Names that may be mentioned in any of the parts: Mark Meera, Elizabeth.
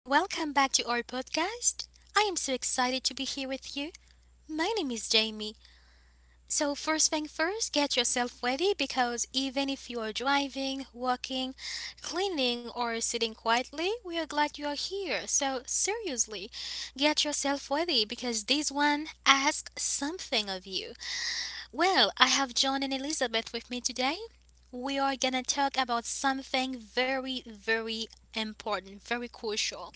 Welcome back to our podcast. I am so excited to be here with you. My name is Jamie. So, first thing first, get yourself ready because even if you are driving, walking, cleaning, or sitting quietly, we are glad you are here. So, seriously, get yourself ready because this one asks something of you. Well, I have John and Elizabeth with me today. We are gonna talk about something very, very important, very crucial.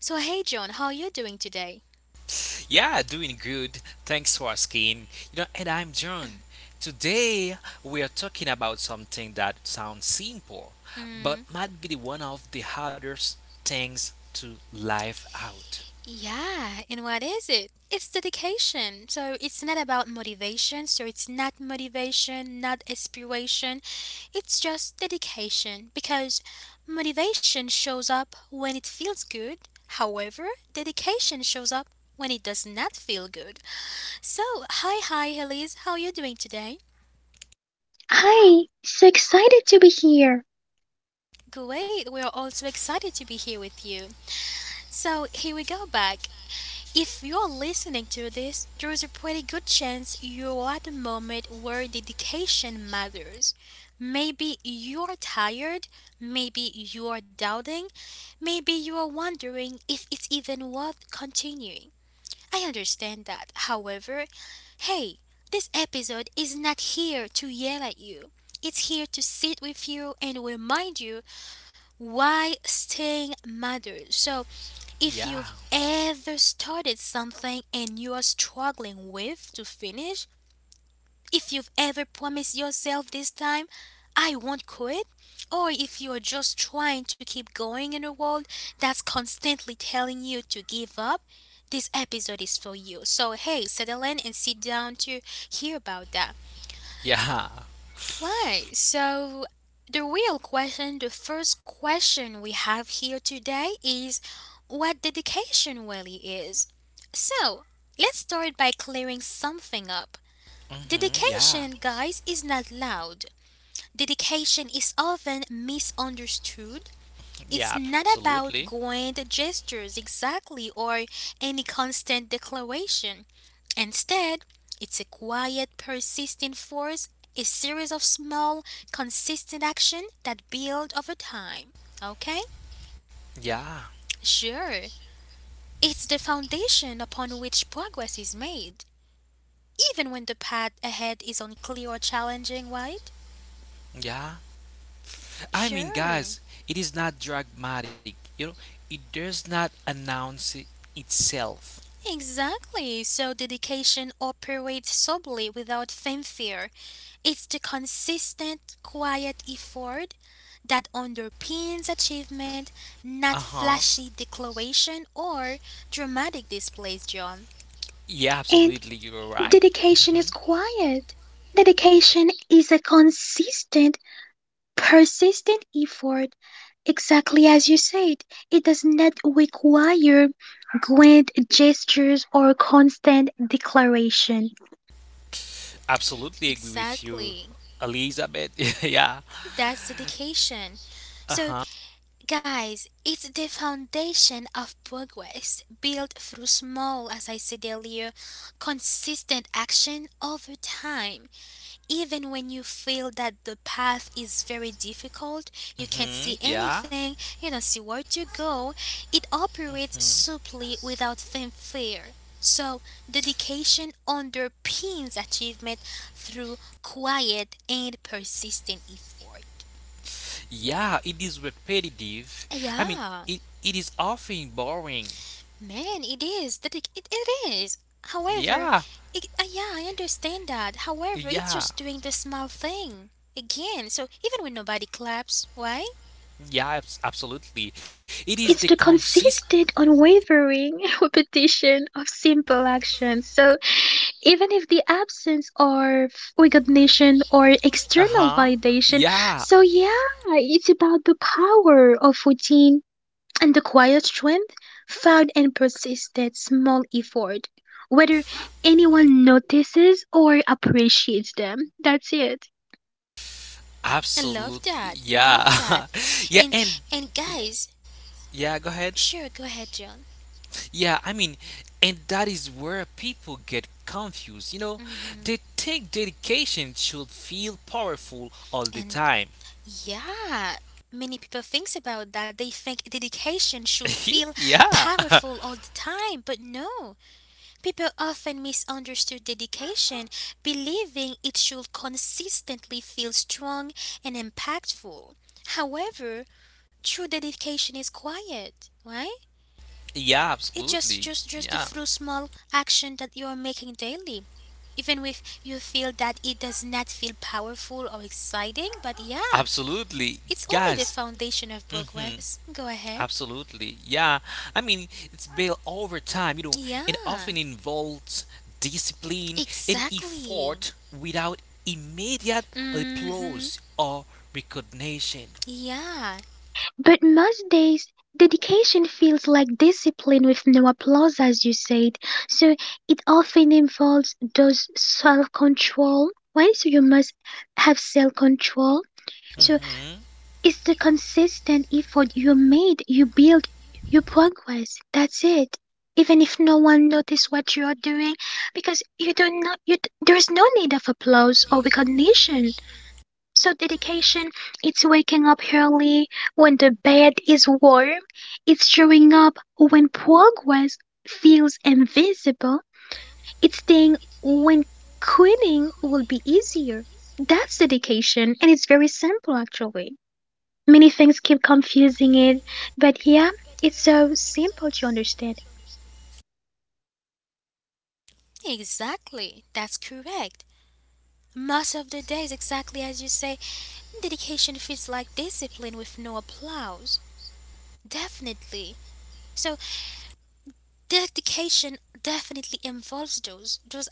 So, hey, John, how are you doing today? Yeah, doing good. Thanks for asking. You know, and I'm John. Today we are talking about something that sounds simple, but Mm, might be the one of the hardest things to live out. yeah, and what is it? It's dedication. So, it's not about motivation, so it's not motivation, not aspiration. It's just dedication because motivation shows up when it feels good. However, dedication shows up when it does not feel good. So, hi, Elise. How are you doing today? Hi, so excited to be here. Great. We are all so excited to be here with you. So, here we go back. If you're listening to this, there is a pretty good chance you're at a moment where dedication matters. Maybe you're tired, maybe you're doubting, maybe you're wondering if it's even worth continuing. I understand that. However, hey, this episode is not here to yell at you. It's here to sit with you and remind you why staying matters. So, if Yeah, you've ever started something and you are struggling with to finish, if you've ever promised yourself this time, I won't quit, or if you're just trying to keep going in a world that's constantly telling you to give up, this episode is for you. So, hey, settle in and sit down to hear about that. yeah, Why? So, the real question, the first question we have here today is what dedication really is. So, let's start by clearing something up. hmm, yeah, Dedication, guys, is not loud. Dedication is often misunderstood. It's yeah, not about absolutely. grand gestures exactly or any constant declaration. Instead, it's a quiet, persistent force, a series of small, consistent action that build over time. Okay? Yeah, Sure. It's the foundation upon which progress is made, even when the path ahead is unclear or challenging, right? yeah. I mean, Sure. guys, it is not dramatic. You know, it does not announce it itself. Exactly. So dedication operates solely without fanfare. It's the consistent, quiet effort that underpins achievement, Uh not huh. flashy declaration or dramatic displays, John. Yeah, absolutely. And You're right. Hmm. dedication is quiet. Dedication is a consistent, persistent effort. Exactly as you said, it does not require grand gestures or constant declaration. Absolutely agree with you, Exactly. Elizabeth. yeah. That's dedication. Uh So, huh. guys, it's the foundation of progress built through small, as I said earlier, consistent action over time. Even when you feel that the path is very difficult, you can't see Hmm. Yeah. anything, you don't see where to go, it operates Hmm. simply without fanfare. So, dedication underpins achievement through quiet and persistent effort. Yeah. It is repetitive. I mean, Yeah, it is often boring. man, it is. It is. However, Yeah. I understand that. However, it's Yeah. just doing the small thing again. So even when nobody claps, why? Yeah. Absolutely. It is the It's the consist. consistent, unwavering repetition of simple actions. So, even if the absence of recognition or Uh external huh. validation. Yeah, So, yeah, it's about the power of routine and the quiet strength found in persistent small effort, whether anyone notices or appreciates them. That's it. I love absolutely. that. Yeah. Love that. Yeah, And and and y- guys, yeah, go ahead. sure, go ahead, John. Yeah, I mean, and that is where people get confused, you know? hmm They think dedication should feel powerful all the And time. yeah, many people thinks about that. They think dedication should feel yeah. powerful all the time, but no. People often misunderstood dedication, believing it should consistently feel strong and impactful. However, true dedication is quiet, right? Yeah, It's absolutely. just just Yeah. just through small action that you are making daily. Even if you feel that it does not feel powerful or exciting, but yeah, Absolutely. it's only the Guys. foundation of Mhm, progress. Go ahead. absolutely. Yeah. I mean, it's built over time, you know, and Yeah, often involves discipline and exactly. effort without immediate Mm-hmm. applause or recognition. Yeah, But most days, dedication feels like discipline with no applause, as you said. So it often involves those self control, right? So you must have self control. So Mm-hmm. it's the consistent effort you made, you build, you progress. That's it. Even if no one notices what you are doing, because you do not, there is no need of applause or recognition. So dedication, it's waking up early when the bed is warm. It's showing up when progress feels invisible. It's staying when quitting will be easier. That's dedication, and it's very simple actually. Many things keep confusing it, but yeah, it's so simple to understand. exactly. That's correct. Most of the days, exactly as you say, dedication feels like discipline with no applause. Definitely. So dedication definitely involves those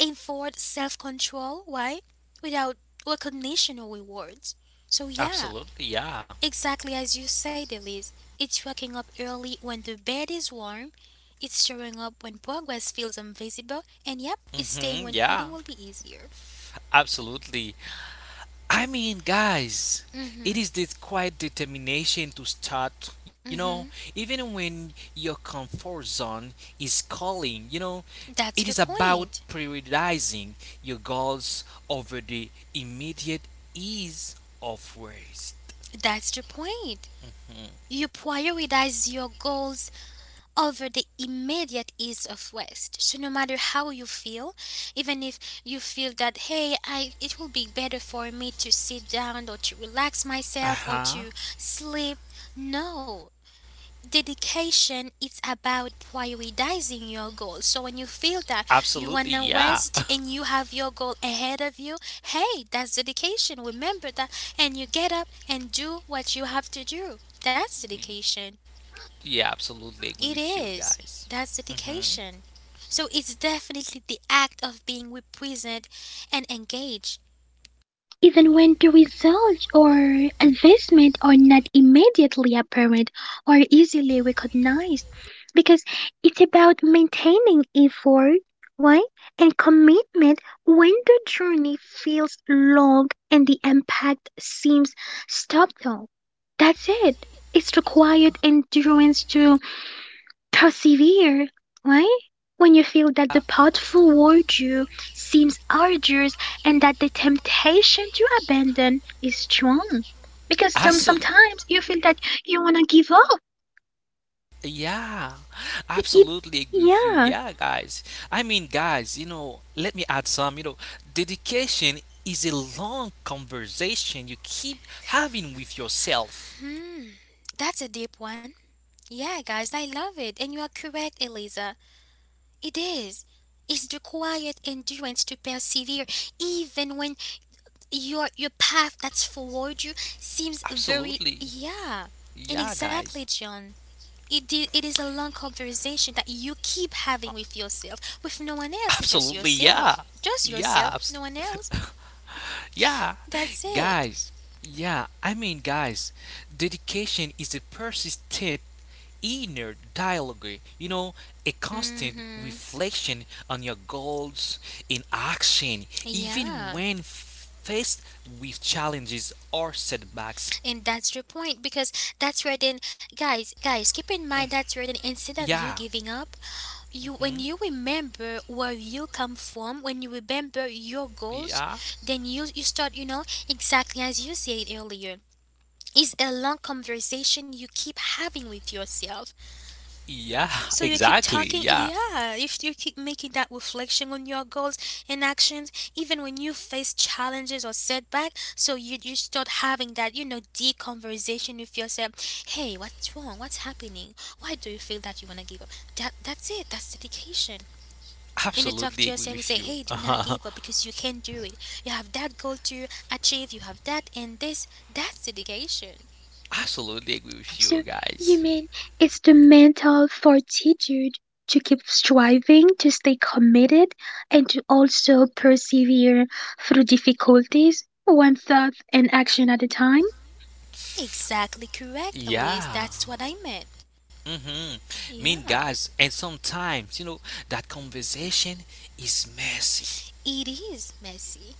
effort, self control. Why? Without recognition or rewards. So yeah, Absolutely, yeah. exactly as you said, Elise. It's waking up early when the bed is warm. It's showing up when progress feels invisible, and yep, it's staying when Mm-hmm, quitting will yeah. be easier. Absolutely. I mean, guys, Mhm. it is this quiet determination to start, you Mhm. know, even when your comfort zone is calling, you know, That's it the is about point. prioritizing your goals over the immediate ease of rest. That's the point. You prioritize your goals over the immediate ease of rest. So no matter how you feel, even if you feel that hey, I it will be better for me to sit down or to relax myself or Uh to huh. sleep. No. Dedication is about prioritizing your goal. So when you feel that you Absolutely, wanna yeah. rest and you have your goal ahead of you, hey, that's dedication. Remember that and you get up and do what you have to do. That's dedication. Yeah, absolutely agree It with you is. guys. That's Mm hmm. dedication. So it's definitely the act of being present and engaged. Even when the results or advancement are not immediately apparent or easily recognized, because it's about maintaining effort, right, and commitment when the journey feels long and the impact seems subtle. That's it. It's required endurance to persevere. Why? When you feel that the path forward you seems arduous and that the temptation to abandon is strong. Because Absolutely. sometimes you feel that you want to give up. Yeah, It, it, absolutely agree with you. yeah. Yeah, guys. I mean, guys, you know, let me add some. You know, dedication is a long conversation you keep having with yourself. Hmm. That's a deep one. Yeah, guys, I love it. And you are correct, Eliza. It is. It's the quiet endurance to persevere even when your path that's forward you seems very Absolutely. yeah. And Yeah, exactly, guys. John. It did, it is a long conversation that you keep having with yourself, with no one else, just Absolutely. Yeah. yourself. Just Yeah. yourself, abs- no one else. Yeah, That's it. guys. Yeah, I mean, guys, dedication is a persistent inner dialogue, you know, a constant Mm-hmm. reflection on your goals in action, Yeah. even when faced with challenges or setbacks. And that's your point because that's where then guys, guys, keep in mind that's where then instead of you Yeah, giving up, you when you mhm, remember where you come from, when you remember your goals, yeah, then you start, exactly as you said earlier. It's a long conversation you keep having with yourself. yeah, So you keep exactly. talking, Yeah, yeah. If you keep making that reflection on your goals and actions, even when you face challenges or setback, so you start having that deep conversation with yourself. Hey, what's wrong? What's happening? Why do you feel that you wanna give up? That's it. That's dedication. And you talk to absolutely agree yourself and say, with you. Hey, do not give up because you can do it. You have that goal to achieve. You have that and this. That's dedication. Absolutely agree with So you, you guys. mean it's the mental fortitude to keep striving, to stay committed, and to also persevere through difficulties, one thought and action at a time? Exactly correct, Elise. That's what Yeah. I meant. Hmm. Mean Yeah. guys, and sometimes you know that conversation is messy. It is messy.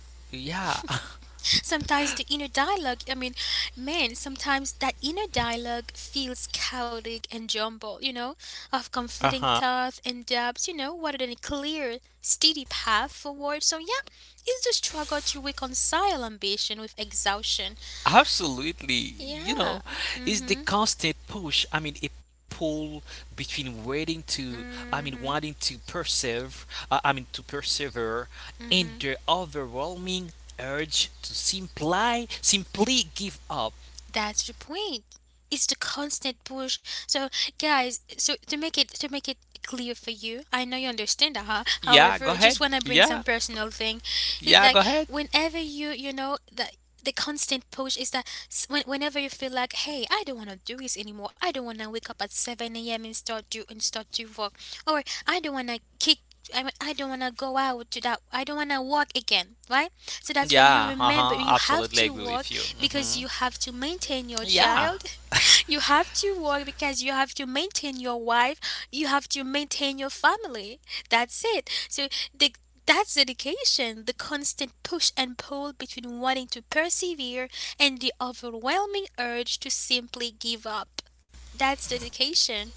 Yeah, Sometimes the inner dialogue, I mean, man, sometimes that inner dialogue feels chaotic and jumbled, of uh-huh. conflicting thoughts and doubts, rather than a clear, steady path forward. So, yeah, it's the struggle to reconcile ambition with exhaustion. Absolutely. You Yeah. know, Mm it's the hmm. constant push. I mean, a pull between waiting to, I mean, Mm hmm. wanting to persevere. I mean, to persevere, Mm and hmm. the overwhelming urge to simply, simply give up. That's the point. It's the constant push. So, guys, so to make it clear for you, I know you understand that. Huh? Yeah, go However, just ahead. when I bring some Yeah, personal thing, it's yeah, like go ahead. whenever you know that the constant push is when, whenever you feel like, hey, I don't want to do this anymore. I don't want to wake up at 7 a.m. and start do work, or I don't want to go out to that. I don't want to work again, right? So that's where you Yeah, uh remember huh. you have Absolutely to agree work with you. because Hmm. you have to maintain your Yeah. child. You have to work because you have to maintain your wife. You have to maintain your family. That's it. So the that's dedication, the constant push and pull between wanting to persevere and the overwhelming urge to simply give up. That's dedication.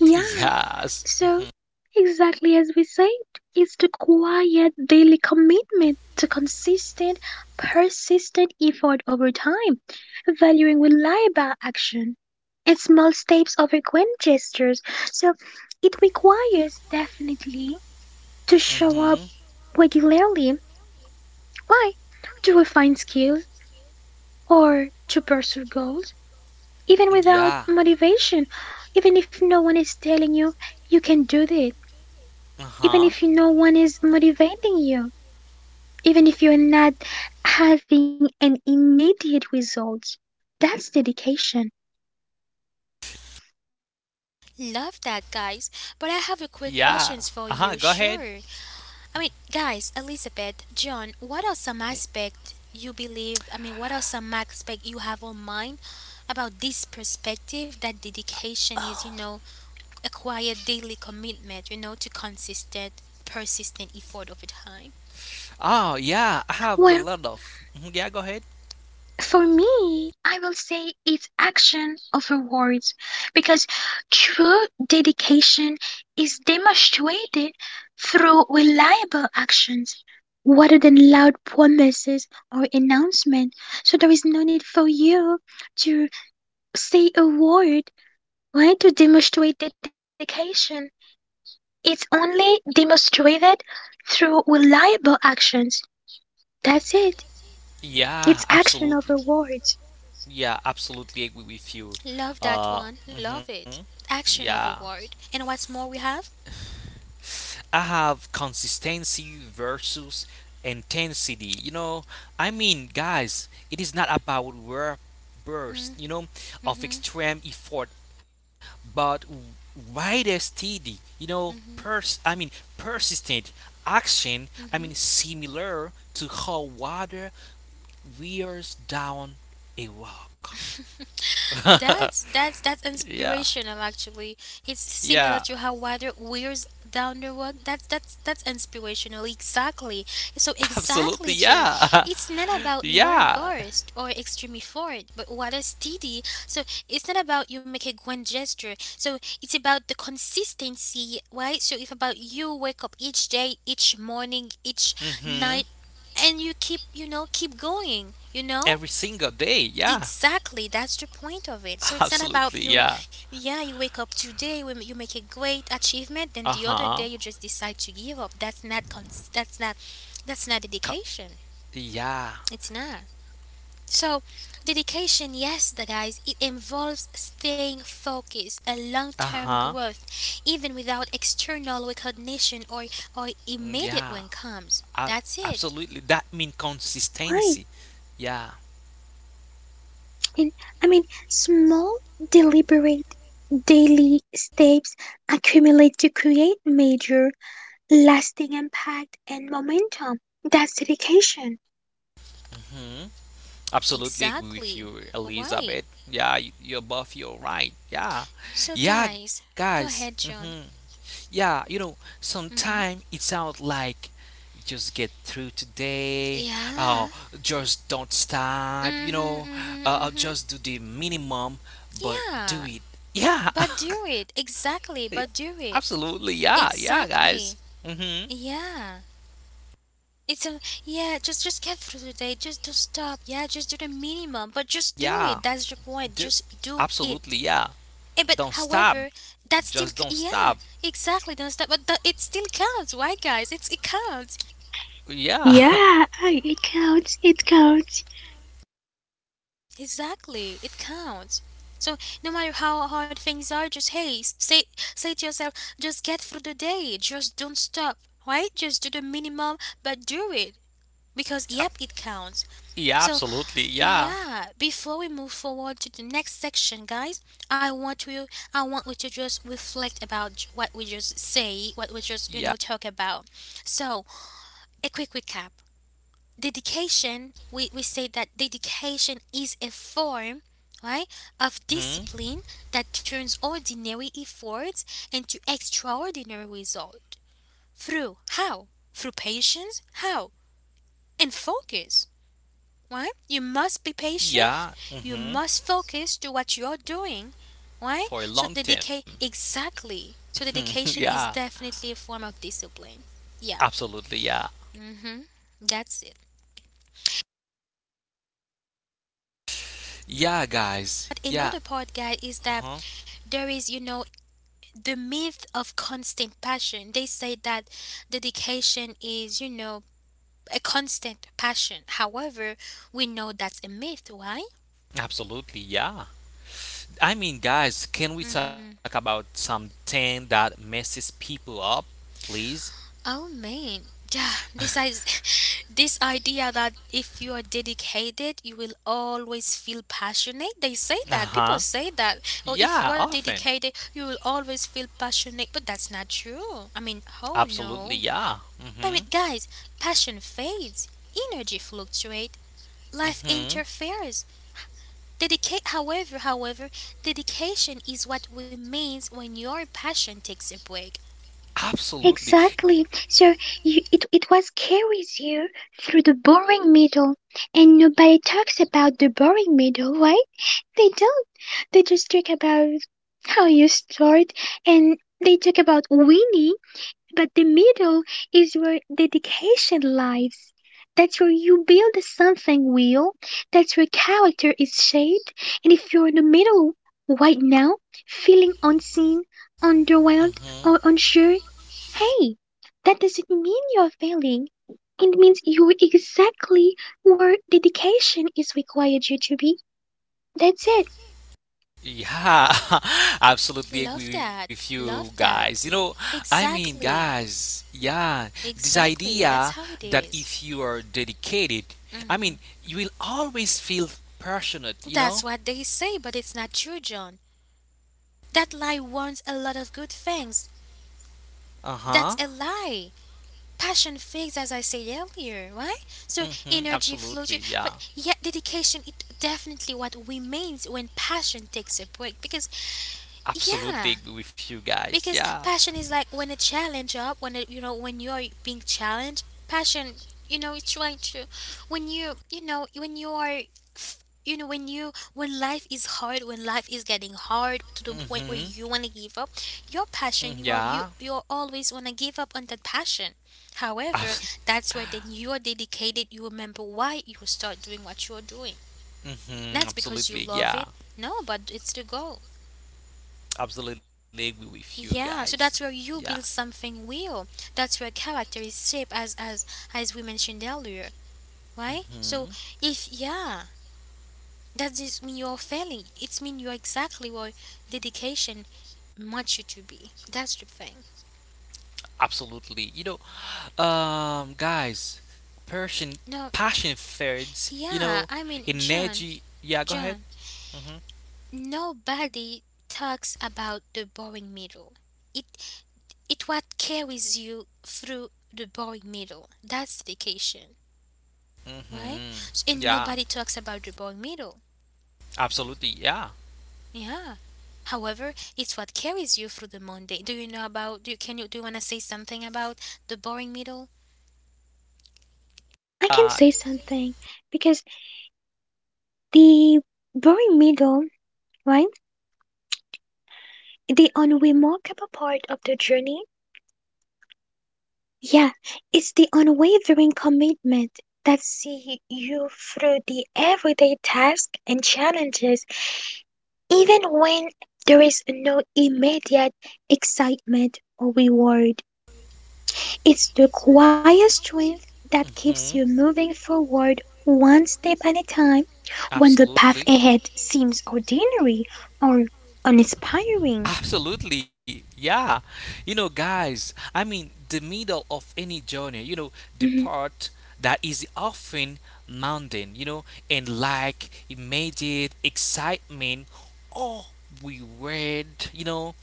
Yeah. So, exactly as we said, it's the quiet daily commitment to consistent, persistent effort over time, valuing reliable action and small steps over grand gestures. So, it requires definitely to Mm-hmm. show up regularly. Why? To refine skills or to pursue goals, even Yeah. without motivation, even if no one is telling you you can do this. Even Uh-huh. if no one is motivating you, even if you're not having an immediate result. That's dedication. Love that, guys. But I have a quick Yeah. questions for you. Uh-huh. Go ahead. Sure. I mean, guys, Elizabeth, John, what are some aspect you believe? I mean, what are some aspect you have on mind about this perspective that dedication is, a quiet daily commitment, to consistent, persistent effort over time. Oh, yeah. I have a Well, lot of. Mhm, yeah, go ahead. for me, I will say it's action over words because true dedication is demonstrated through reliable actions rather than loud promises or announcements. So there is no need for you to say a word, right, to demonstrate dedication. It's only demonstrated through reliable actions. That's it. It's Yeah, action absolutely. over words. Yeah, absolutely agree with you. Love that Uh, one. Love mm-hmm. it. Action Yeah. over word. And what's more, we have. I have consistency versus intensity. You know, I mean, guys, it is not about rare Mm-hmm, burst, you know, mm-hmm, of extreme effort, but wider, steady, you know, mm-hmm. I mean, persistent action. I Mm-hmm. mean, similar to how water wears down a rock. That's that's Yeah, inspirational actually. It's yeah, similar to how water wears down the rug. That's that's inspirational exactly. So exactly absolutely, John. yeah, It's not about noir yeah. burst or extremely forward, but water steady. So it's not about you make a grand gesture. So it's about the consistency, right? So if about you wake up each day, each morning, each Hmm. night and you keep keep going Every single day, yeah. Exactly, that's the point of it. So it's not about Absolutely, you, yeah. yeah, you wake up today, you make a great achievement, then the Uh-huh. other day you just decide to give up. That's not that's not Co- dedication. yeah. It's not. So dedication, yes, the guys, it involves staying focused and Uh-huh. long-term growth even without external recognition or immediate Yeah. one comes. A- That's it. absolutely. That mean Right. consistency. Yeah. And I mean, small, deliberate, daily steps accumulate to create major, lasting impact and momentum. That's dedication. Hmm. Absolutely agree with Exactly. you, Why? Elizabeth. Yeah, you're both. You're right. Yeah. So Yeah, guys, go guys. ahead, Hmm. John. Yeah, you know, Mm-hmm. sometimes it sounds like just get through today Yeah. or just don't stop, you Mhm. know, Mhm. Mhm. or just do the minimum, but Yeah. do it. But Yeah. do it. Exactly. Yeah, But do it. absolutely, yeah, yeah, guys. Exactly. Mm-hmm. Yeah. It's a yeah. Just get through the day. Just don't stop. Yeah. Just do the minimum. But just do Yeah, it. That's the point. do Just do it. absolutely, yeah. And but Don't stop, however, just don't stop. yeah. Exactly. Don't stop. But that, it still counts. Why, guys? It's it counts. Yeah, Yeah, I- it counts. It counts. Exactly, it counts. So no matter how hard things are, just hey, say to yourself, just get through the day. Just don't stop, right? Just do the minimum, but do it because Ab- yep, it counts. yeah, So absolutely, yeah, yeah, before we move forward to the next section, guys, I want you, I want you to just reflect about what we just say, what we yeah, just talk about. So a quick recap. Dedication, we say that dedication is a form, right, of hmm, discipline that turns ordinary efforts into extraordinary result through how, through patience, how, and focus. Right, you must be patient, yeah, you must focus to what you're doing, right? for a So long time. dedicate, exactly, so dedication is Yeah, definitely a form of discipline. Yeah. absolutely, yeah, Hmm. That's it. yeah, guys, But yeah, another part, guys, is that uh-huh, there is, the myth of constant passion. They say that dedication is, a constant passion. However, we know that's a myth, right? absolutely, yeah. I mean, guys, can we talk about something that messes people up, please? Oh man, yeah, this is this idea that if you are dedicated, you will always feel passionate. They say Uh that, huh. people say that, or if Yeah, you are often. dedicated, you will always feel passionate. But that's not true. I mean, oh Absolutely, yeah. no. Mhm. But with guys, passion fades, energy fluctuates, life Mhm. interferes. Dedicate, however, however, dedication is what remains when your passion takes a break. Absolutely. Exactly. So you, it was carries you through the boring middle, and nobody talks about the boring middle, right? They don't. They just talk about how you start, and they talk about winning, but the middle is where dedication lies. That's where you build something real. That's where character is shaped. And if you're in the middle right now, feeling unseen, Mhm. underwhelmed, or unsure, hey, that doesn't mean you're failing. It means you're exactly where dedication is required you to be. That's it. Yeah. Absolutely Love agree with that. you Love guys. You know, that. I mean, Exactly. guys, yeah, this idea Exactly. That's how that it if is. you are dedicated, I mean, you will always feel passionate, you know? That's what they say, but it's not true, John. That lie warns a lot of good things. Uh-huh. That's a lie. Passion fades, as I said earlier, right? So Mhm. energy Absolutely, yeah. fluctuates, but yet dedication it definitely what remains when passion takes a break. Because Absolutely yeah, agree with you guys. Yeah. because passion is like when a challenge up when it, when you're being challenged, passion, it's trying to, when you know when you are when you when life is hard, when life is getting hard to the point where Mhm. you want to give up your Mm, passion, you yeah. all you always want to give up on that passion. However, Abs- that's where then you are dedicated, you remember why you start doing what you're doing. mhm. That's because you Absolutely, love yeah. it. No, but it's the goal. Absolutely agree with you guys. Yeah, so that's where Yeah, you build something real. That's where character is shaped, as as we mentioned earlier, right? hmm So if yeah, that just mean you're failing. It's mean you're exactly what dedication wants you to be. That's the thing. absolutely. You know, guys, passion, No, passion fades. You yeah, know, I mean John, energy. Yeah, go ahead. John. Mm-hmm. Nobody talks about the boring middle. It it what carries you through the boring middle. That's dedication. Why? Mm-hmm. And Yeah, nobody talks about the boy middle. absolutely. Yeah. Yeah. However, it's what carries you through the Monday. Do you know about? Can you, do you wanna say something about the boring middle? I can Uh, say something because the very middle, right? The unremarkable part of the journey, yeah, it's the unwavering commitment that see you through the everyday tasks and challenges, even when there is no immediate excitement or reward. It's the quiet strength that keeps you mhm. moving forward one step at a time when the path Absolutely. ahead seems ordinary or uninspiring. Absolutely. Yeah. You know, guys, I mean, the middle of any journey, you know, the Mhm. part that is often mountain, you know, and like immediate excitement or reward, you know,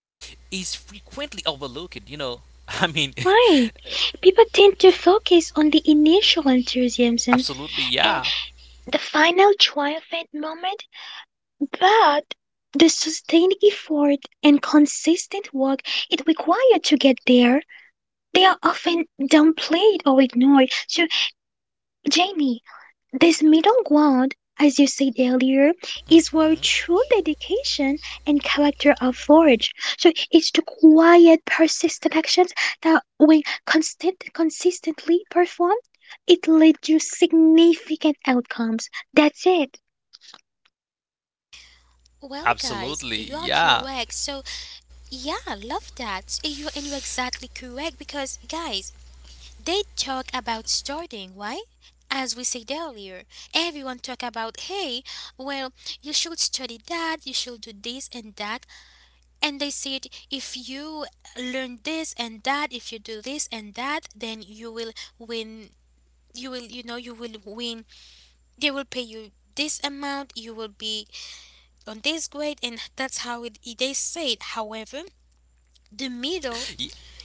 is frequently overlooked, you know. I mean, Right. People tend to focus on the initial enthusiasm absolutely, and yeah. the final triumphant moment, but the sustained effort and consistent work it required to get there, they are often downplayed or ignored. So, Jamie, this middle ground, as you said earlier, is where Mhm. true dedication and character are forged. So it's the quiet, persistent actions that, when consistently performed, it leads to significant outcomes. That's it. Well, guys, Absolutely, you are yeah. correct. So yeah, I love that. You, and you're exactly correct because guys, they talk about starting. Why? As we said earlier, everyone talk about hey, well, you should study that, you should do this and that. And they said, if you learn this and that, if you do this and that, then you will win. You will, you will win. They will pay you this amount. You will be on this grade, and that's how it, they say it. However, the middle Y-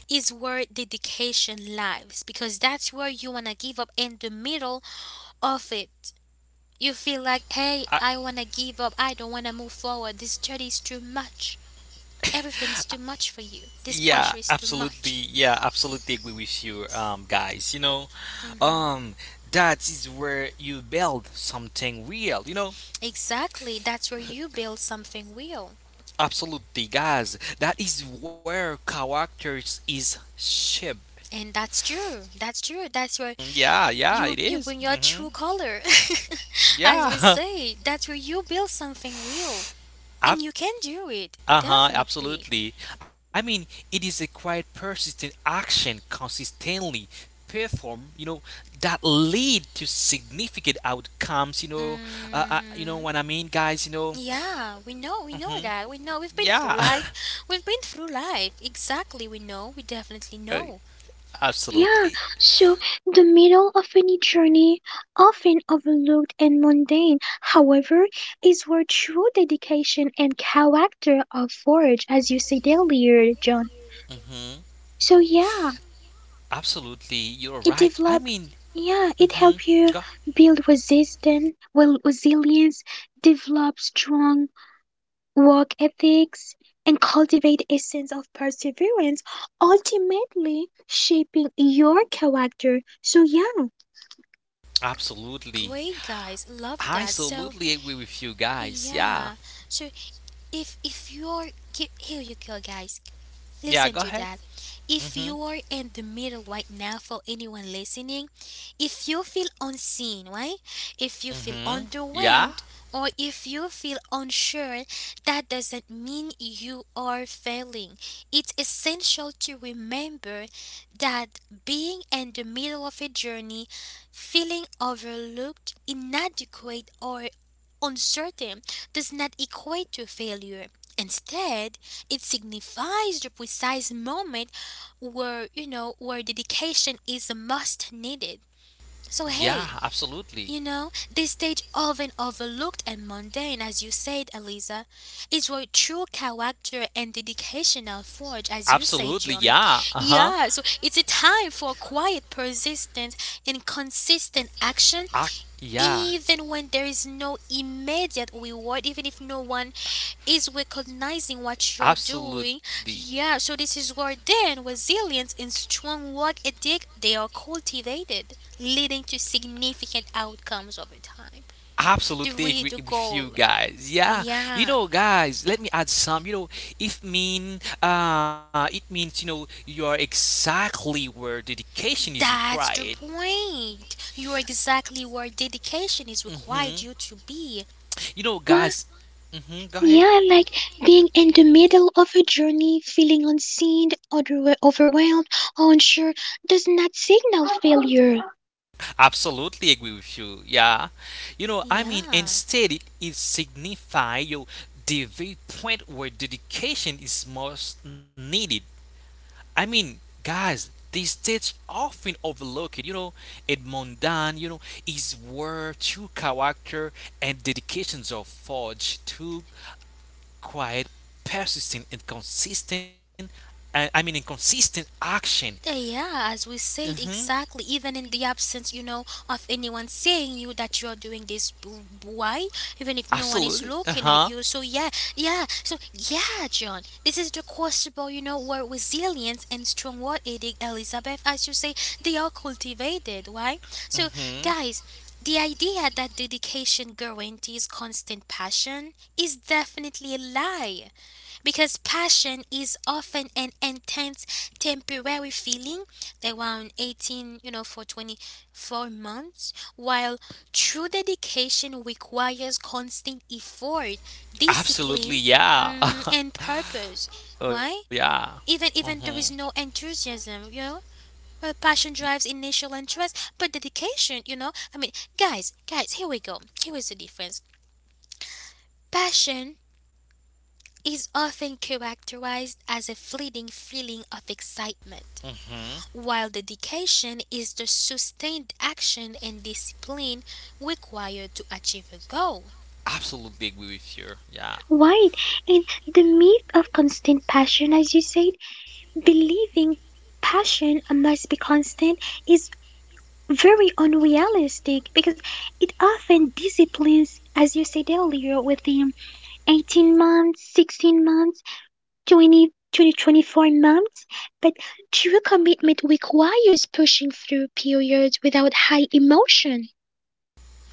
is where dedication lies because that's where you want to give up in the middle of it. You feel like, hey, uh, I want to give up. I don't want to move forward. This study is too much. Everything is too much for you. This pressure is too much. yeah, absolutely agree with you, guys. You know, Hmm. um, that is where you build something real. You know, Exactly. That's where you build something real. absolutely, guys. That is where characters is shaped. And that's true. That's true. That's where Yeah, yeah, it you is. bring your Mm-hmm. true color. As we Yeah, say, that's where you build something real. absolutely. And you can do it. Uh-huh, Definitely. absolutely. I mean, it is a quite persistent action consistently performed, you know, that lead to significant outcomes, you know. You know what Hmm. I mean, guys, you know. Yeah, we know. We know Mhm. that. We know. We've been Yeah. through life. We've been through life. Exactly. We know. We Uh, definitely know. absolutely. Yeah, so the middle of any journey, often overlooked and mundane, however, is where true dedication and character are forged, as you said earlier, John. Mhm. So, yeah. Absolutely. You're right. It I mean, develop yeah, mhm. it help Go. you build resistance, well resilience, develop strong work ethics, and cultivate a sense of perseverance, ultimately shaping your character. So yeah. Absolutely. Great guys. Love I that. So, absolutely agree with you guys. Yeah. yeah. So if you're here you go guys, Yeah, listen go to ahead. that. Mhm. If you're in the middle right now, for anyone listening, if you feel unseen, right, if you feel Mhm. Yeah. underwhelmed, or if you feel unsure, that doesn't mean you are failing. It's essential to remember that being in the middle of a journey, feeling overlooked, inadequate, or uncertain, does not equate to failure. Instead, it signifies the precise moment where, where dedication is most needed. So, Yeah, hey, absolutely. you know, this stage, often overlooked and mundane, as you said, Eliza, is where true character and dedication are forged, as you say, Absolutely, John. yeah. Uh-huh. Yeah, so it's a time for quiet, persistent, and consistent action Ac yeah, even when there is no immediate reward, even if no one is recognizing what you're doing. absolutely. Yeah, so this is where then resilience and strong work ethic they are cultivated, leading to significant outcomes over time. Absolutely agree The with you goal. guys. Yeah. You Yeah, know, guys, let me add some, you know, if mean it means, you know, you are exactly where dedication is that's required. the point. You're exactly where dedication is Mhm. required you to be. You know, Wow. guys, mhm, go ahead. Yeah, like being in the middle of a journey, feeling unseen, other overwhelmed, unsure, does not signal failure. Absolutely agree with you. Yeah. You know, I mean, Yeah. instead, it signifies you the very point where dedication is most needed. I mean, guys, this stage often overlooked, you know, Edmond Dan, you know, is where true character and dedications are forged through quiet, persistent, and consistent, and I mean, inconsistent action. Yeah, as we said, Hmm. exactly. Even in the absence, of anyone saying you that you're doing this, why? Even if no one is Absolutely. Uh looking at huh. you. So yeah, yeah. So yeah, John. This is the questionable, where resilience and strong word edict, Elizabeth, as you say, they are cultivated. Why? So Mm-hmm. guys, the idea that dedication guarantees constant passion is definitely a lie. Because passion is often an intense temporary feeling around 18, for 24 months, while true dedication requires constant effort, Absolutely. discipline, Yeah. mhm, and purpose. oh Why? yeah. Even Mm-hmm. even there is no enthusiasm, you know? Well, passion drives initial interest, but dedication, you know? I mean, guys, guys, here we go. Here is the difference. Passion is often characterized as a fleeting feeling of excitement, Mm-hmm. while dedication is the sustained action and discipline required to achieve a goal. Absolutely agree with you. Yeah. Right. And the myth of constant passion, as you said, believing passion must be constant is very unrealistic because it often disciplines, as you said earlier, within 18 months, 16 months, 24 months. But true commitment requires pushing through periods without high emotion.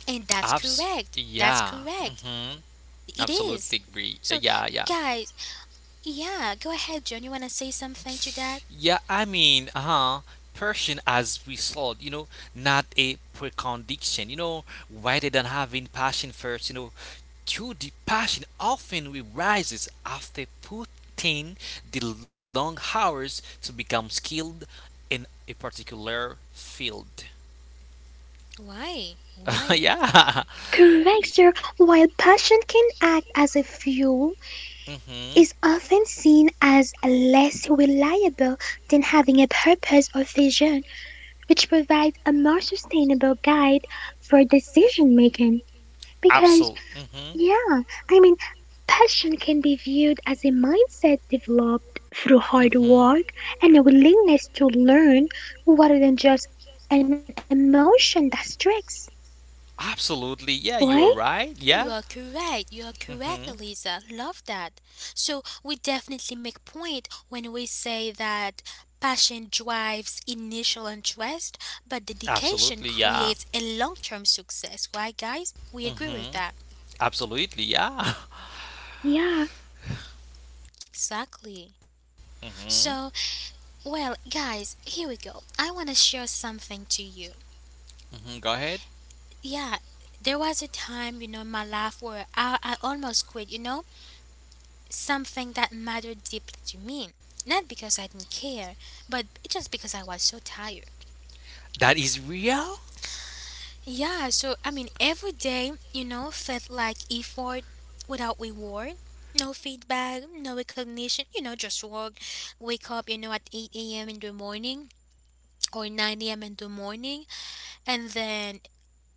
And that's Abs. correct. That's Yeah. correct. Mm-hmm. It is. Absolutely agree. So, Yeah. Yeah. guys, yeah, go ahead, John. You want to say something to that? Yeah, I mean, uh-huh, Persian as we saw, you know, not a precondition, you know, rather than having passion first, you know, true the passion often rises after putting the long hours to become skilled in a particular field. Why? Why? yeah. Correct, sir. While passion can act as a fuel, Mm-hmm. is often seen as less reliable than having a purpose or vision, which provides a more sustainable guide for decision making. Because, Absolutely. Mm-hmm. yeah, I mean, passion can be viewed as a mindset developed through hard Mm-hmm. work and a willingness to learn rather than just an emotion that strikes, right? Absolutely. Yeah, you're right. You Yeah. are correct. You are correct, Mm-hmm. Eliza. Love that. So we definitely make point when we say that passion drives initial interest, but Absolutely. dedication Yeah. creates a long-term success. Right, guys? We agree with Mm-hmm. that. Absolutely. Yeah. Yeah, Exactly. Hmm. So, well, guys, here we go. I want to share something to you. Hmm. Go ahead. Yeah, there was a time, in my life where I almost quit, something that mattered deeply to me. Not because I didn't care, but just because I was so tired. That is real? Yeah, so I mean, every day, felt like effort without reward. No feedback, no recognition, just work. Wake up, at 8 a.m. in the morning or 9 a.m. in the morning, and then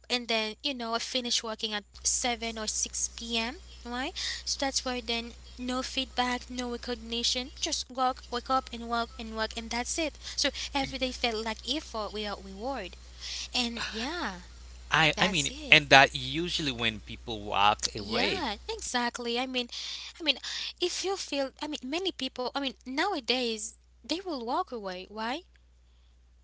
and then I finish working at 7 or 6 p.m. Right? So that's why. Then no feedback, no recognition, just work, wake up and work and work and that's it. So every day felt like effort without reward. And yeah, I that's mean, it. and that usually when people walk away. Yeah, exactly. I mean, if you feel, I mean, many people, I mean, nowadays they will walk away. Why?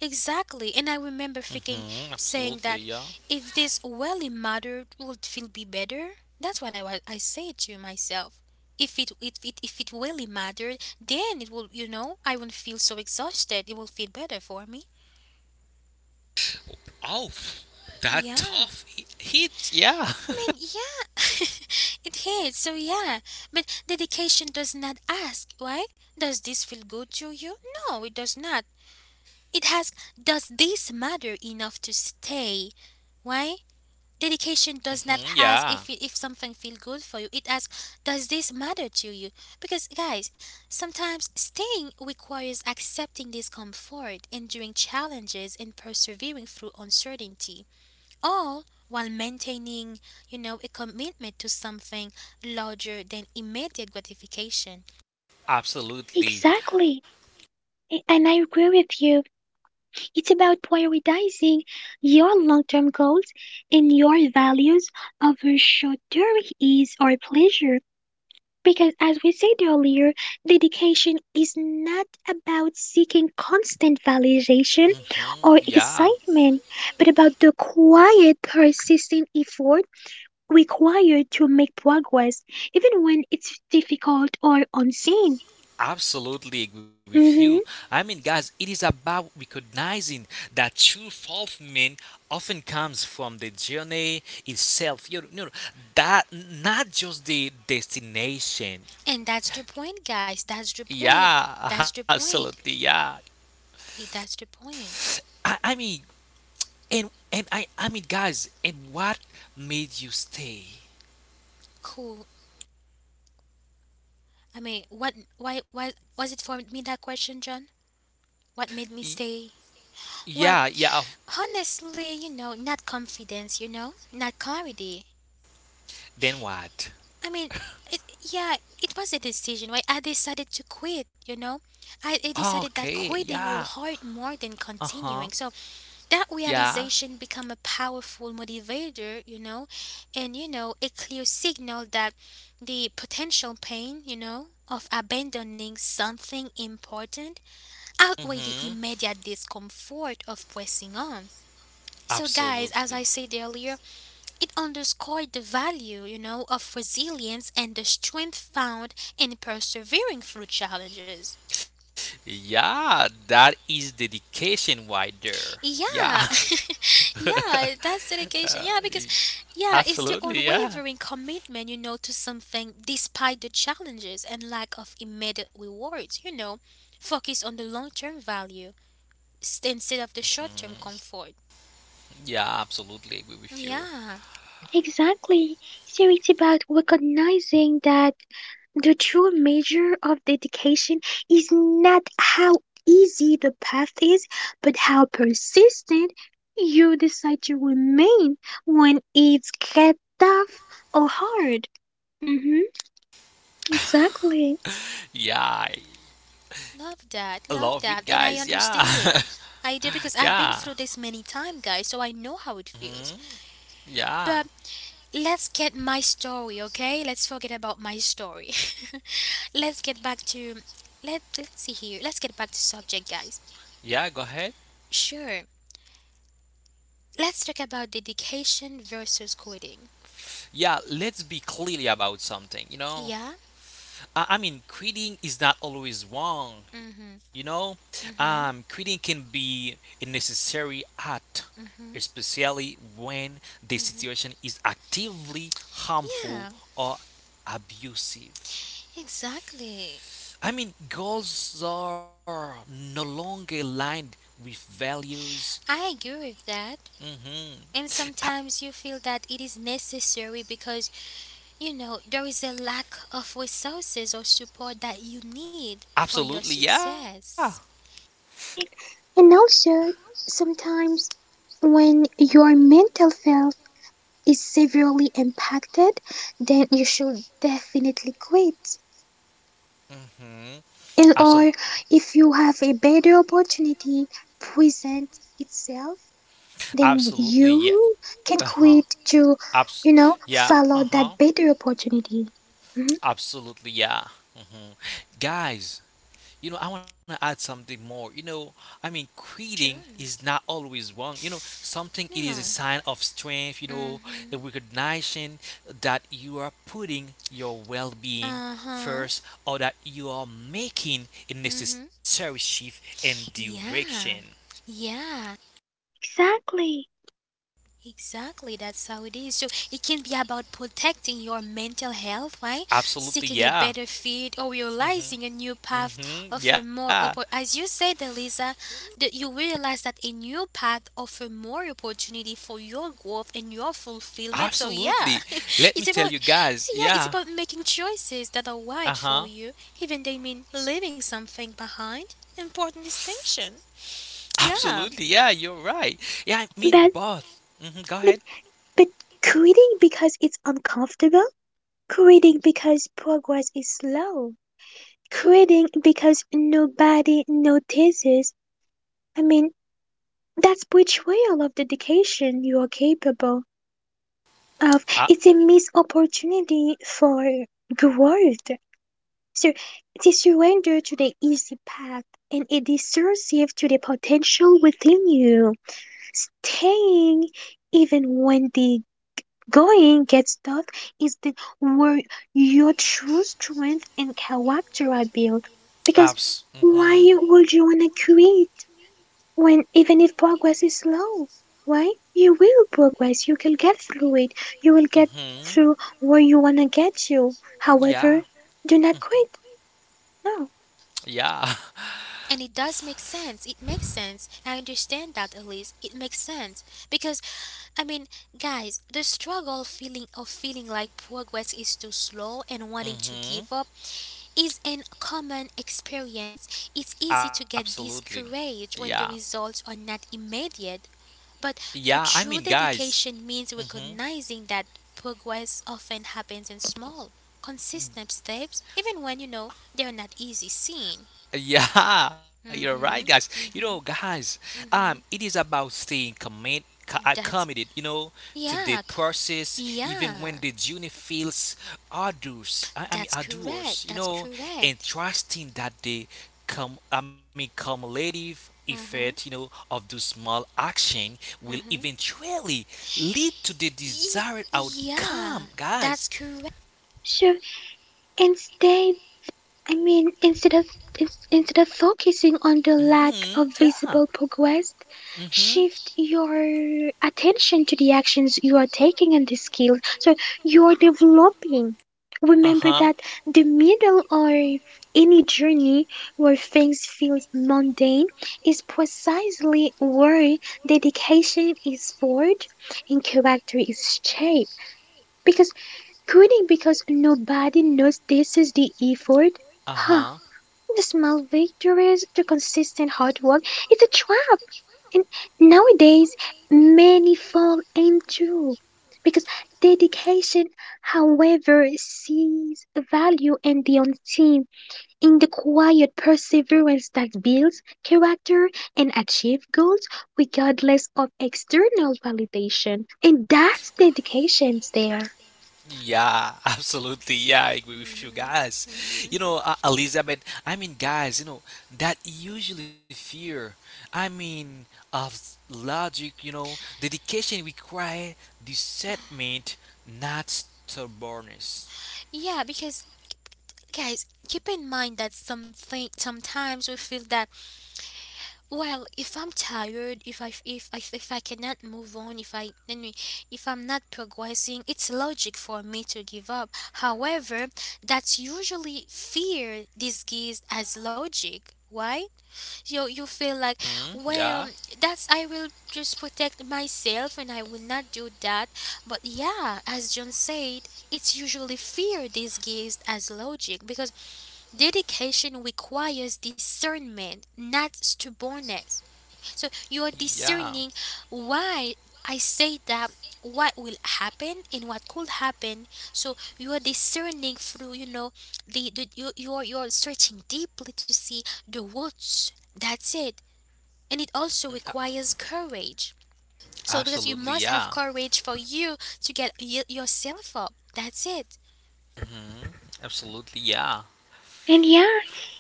Exactly, and I Hmm. remember Absolutely. thinking, Yeah. saying that if this really mattered, would feel be better. That's what I said to myself. If it really mattered, then it will I won't feel so exhausted. It will feel better for me. Oh, that Yeah, hit. Yeah, I mean yeah, it hits. So yeah, but dedication does not ask, right? Does this feel good to you? No, it does not. It has. Does this matter enough to stay? Why? Dedication does not hmm, ask yeah, if it, if something feel good for you. It asks, does this matter to you? Because guys, sometimes staying requires accepting discomfort, enduring challenges, and persevering through uncertainty, all while maintaining, a commitment to something larger than immediate gratification. absolutely. exactly. And I agree with you. It's about prioritizing your long term goals and your values over short term ease or pleasure. Because, as we said earlier, dedication is not about seeking constant validation or Hmm. Yeah. excitement, but about the quiet, persistent effort required to make progress, even when it's difficult or unseen. Absolutely agree with you. Hmm I mean, guys, it is about recognizing that true fulfillment often comes from the journey itself. You know, that not just the destination. And that's the point, guys. That's the point. Yeah, That's the point. absolutely. Yeah. It- That's the point. I mean, and and I mean, guys, and what made you stay? Cool. I mean, what? Why? Why was it for me that question, John? What made me Y- stay? Well, yeah, yeah. of- honestly, not confidence, not clarity. Then what? I mean, it, yeah, it was a decision, right? I decided to quit, you know. I decided that Okay. quitting will Yeah. hurt more than Uh huh. continuing. So that Yeah. realization become a powerful motivator, and, a clear signal that the potential pain, of abandoning something important outweigh the Mhm. immediate discomfort of pressing on. So, guys, as Absolutely. I said earlier, it underscored the value, of resilience and the strength found in persevering through challenges. Yeah, that is dedication right there. Yeah, Yeah, yeah, that's dedication. Uh, Yeah, because, yeah, it's the absolutely. Yeah, unwavering commitment, to something despite the challenges and lack of immediate rewards, you know. Focus on the long term value instead of the short term comfort. yeah, absolutely agree with you. Yeah. exactly. So it's really about recognizing that the true measure of dedication is not how easy the path is, but how persistent you decide to remain when it's get tough or hard. Hmm exactly. Yeah, I Love love that, it, and I guys. Yeah, understand it. I do because I've been yeah. through this many times, guys, so I know how it feels. Hmm. Yeah, But let's get my story, okay? Let's forget about my story. Let's get back to, let's see here. Let's get back to subject, guys. yeah, go ahead. Sure. Let's talk about dedication versus quitting. Yeah, let's be clear about something, you know? Yeah. I mean, quitting is not always wrong, you Mhm. know? Mhm. Quitting can be a necessary act, Mhm. especially when the situation is actively harmful Yeah. or abusive. Exactly. I mean, goals are no longer aligned with values. I agree with that. Hmm. And sometimes you feel that it is necessary because there is a lack of resources or support that you need for your Absolutely, yeah. success. And, and also, sometimes when your mental health is severely impacted, then you should definitely quit. Hmm. And or Absolutely. if you have a better opportunity present itself, then Absolutely. Yeah. you can Uh huh. quit to, Abs. you know, Yeah. follow Uh huh. that better opportunity. Mhm. Absolutely. Yeah. Hmm. Guys, you know, I want to add something more. You know, I mean, quitting Sure. is not always wrong. You know, something it is a No. sign of strength. You know, Mm hmm. a recognition that you are putting your well-being Uh huh. first, or that you are making a Mm hmm. necessary shift in direction. Yeah. Yeah. Exactly. Exactly, that's how it is. So it can be about protecting your mental health, right? Absolutely. Seeking a Yeah. better fit or realizing a new Mm-hmm. path Hmm. offer Yeah, more as you said, Elisa, that you realize that a new path offer more opportunity for your growth and your fulfillment. So absolutely. yeah, Let me it's tell you about guys. yeah, it's Yeah. about making choices that are Uh right huh. for you, even they mean leaving something behind. Important distinction. Absolutely. Yeah. Yeah, you're right. Yeah, I mean, But but. Hmm. Go ahead. but but quitting because it's uncomfortable, quitting because progress is slow, quitting because nobody notices. I mean, that's betrayal of dedication you are capable of. Uh, It's a missed opportunity for growth. So it is surrender to the easy path and it is receptive to the potential within you. Staying even when the going gets tough is the where your true strength and character are built. Because apps. why Hmm. would you wanna quit, when even if progress is slow, right, you will progress, you can get through it, you will get Hmm. through where you want to get you, Yeah. however, do not quit. No. Yeah. And it does make sense. It makes sense. I understand that, Elise. It makes sense because, I mean, guys, the struggle feeling of feeling like progress is too slow and wanting to hmm, give up is an common experience. It's easy to get absolutely. Yeah. discouraged when the results are not immediate. But Yeah. I the mean, true guys. dedication means Mm-hmm. recognizing that progress often happens in small, consistent steps, even when you know they're not easy seen. Yeah, you're right, guys. Mhm. You know, Mhm. guys, it Mhm. is about staying commit, That's committed, you know, to the yeah. process, c- even when Yeah. the journey feels arduous. I mean, That's correct. arduous, you That's know, and correct. trusting that the I mean, cumulative effect, you Uh-huh. know, of the small action will Uh-huh. eventually lead to the Y- desired outcome, yeah. guys. That's correct. So instead, I mean, instead of instead of focusing on the Mm-hmm. lack of Yeah. visible progress, Mm-hmm. shift your attention to the actions you are taking and the skills so you are developing. Remember Uh-huh. that the middle or any journey where things feel mundane is precisely where dedication is forged and character is shaped. Because quitting because nobody knows this is the effort. Huh. Uh-huh. The small victories, the consistent hard work, it's a trap. And nowadays, many fall into because dedication, however, sees value and the unseen, in the quiet perseverance that builds character and achieves goals regardless of external validation. And that's dedication there. Yeah, absolutely. Yeah, I agree with you Mhm. guys. Mhm. You know, Elizabeth, I mean, guys, you know, that usually fear, I mean, logic, you know, dedication require discernment, not stubbornness. Yeah, because guys, keep in mind that something sometimes we feel that, well, if I'm tired, if I cannot move on, if I anyway, if I'm not progressing, it's logic for me to give up. However, that's usually fear disguised as logic. Why? You feel like, Mm, yeah, well, that's I will just protect myself and I will not do that. But yeah, as John said, it's usually fear disguised as logic because dedication requires discernment, not stubbornness. So you are yeah, discerning why I say that, what will happen and what could happen. So you are discerning through, you know, the you're searching deeply to see the roots. That's it. And it Mm, also requires courage. So because you absolutely, must yeah. have courage for you to get yourself up. That's it. Hmm. Absolutely, yeah. And yeah,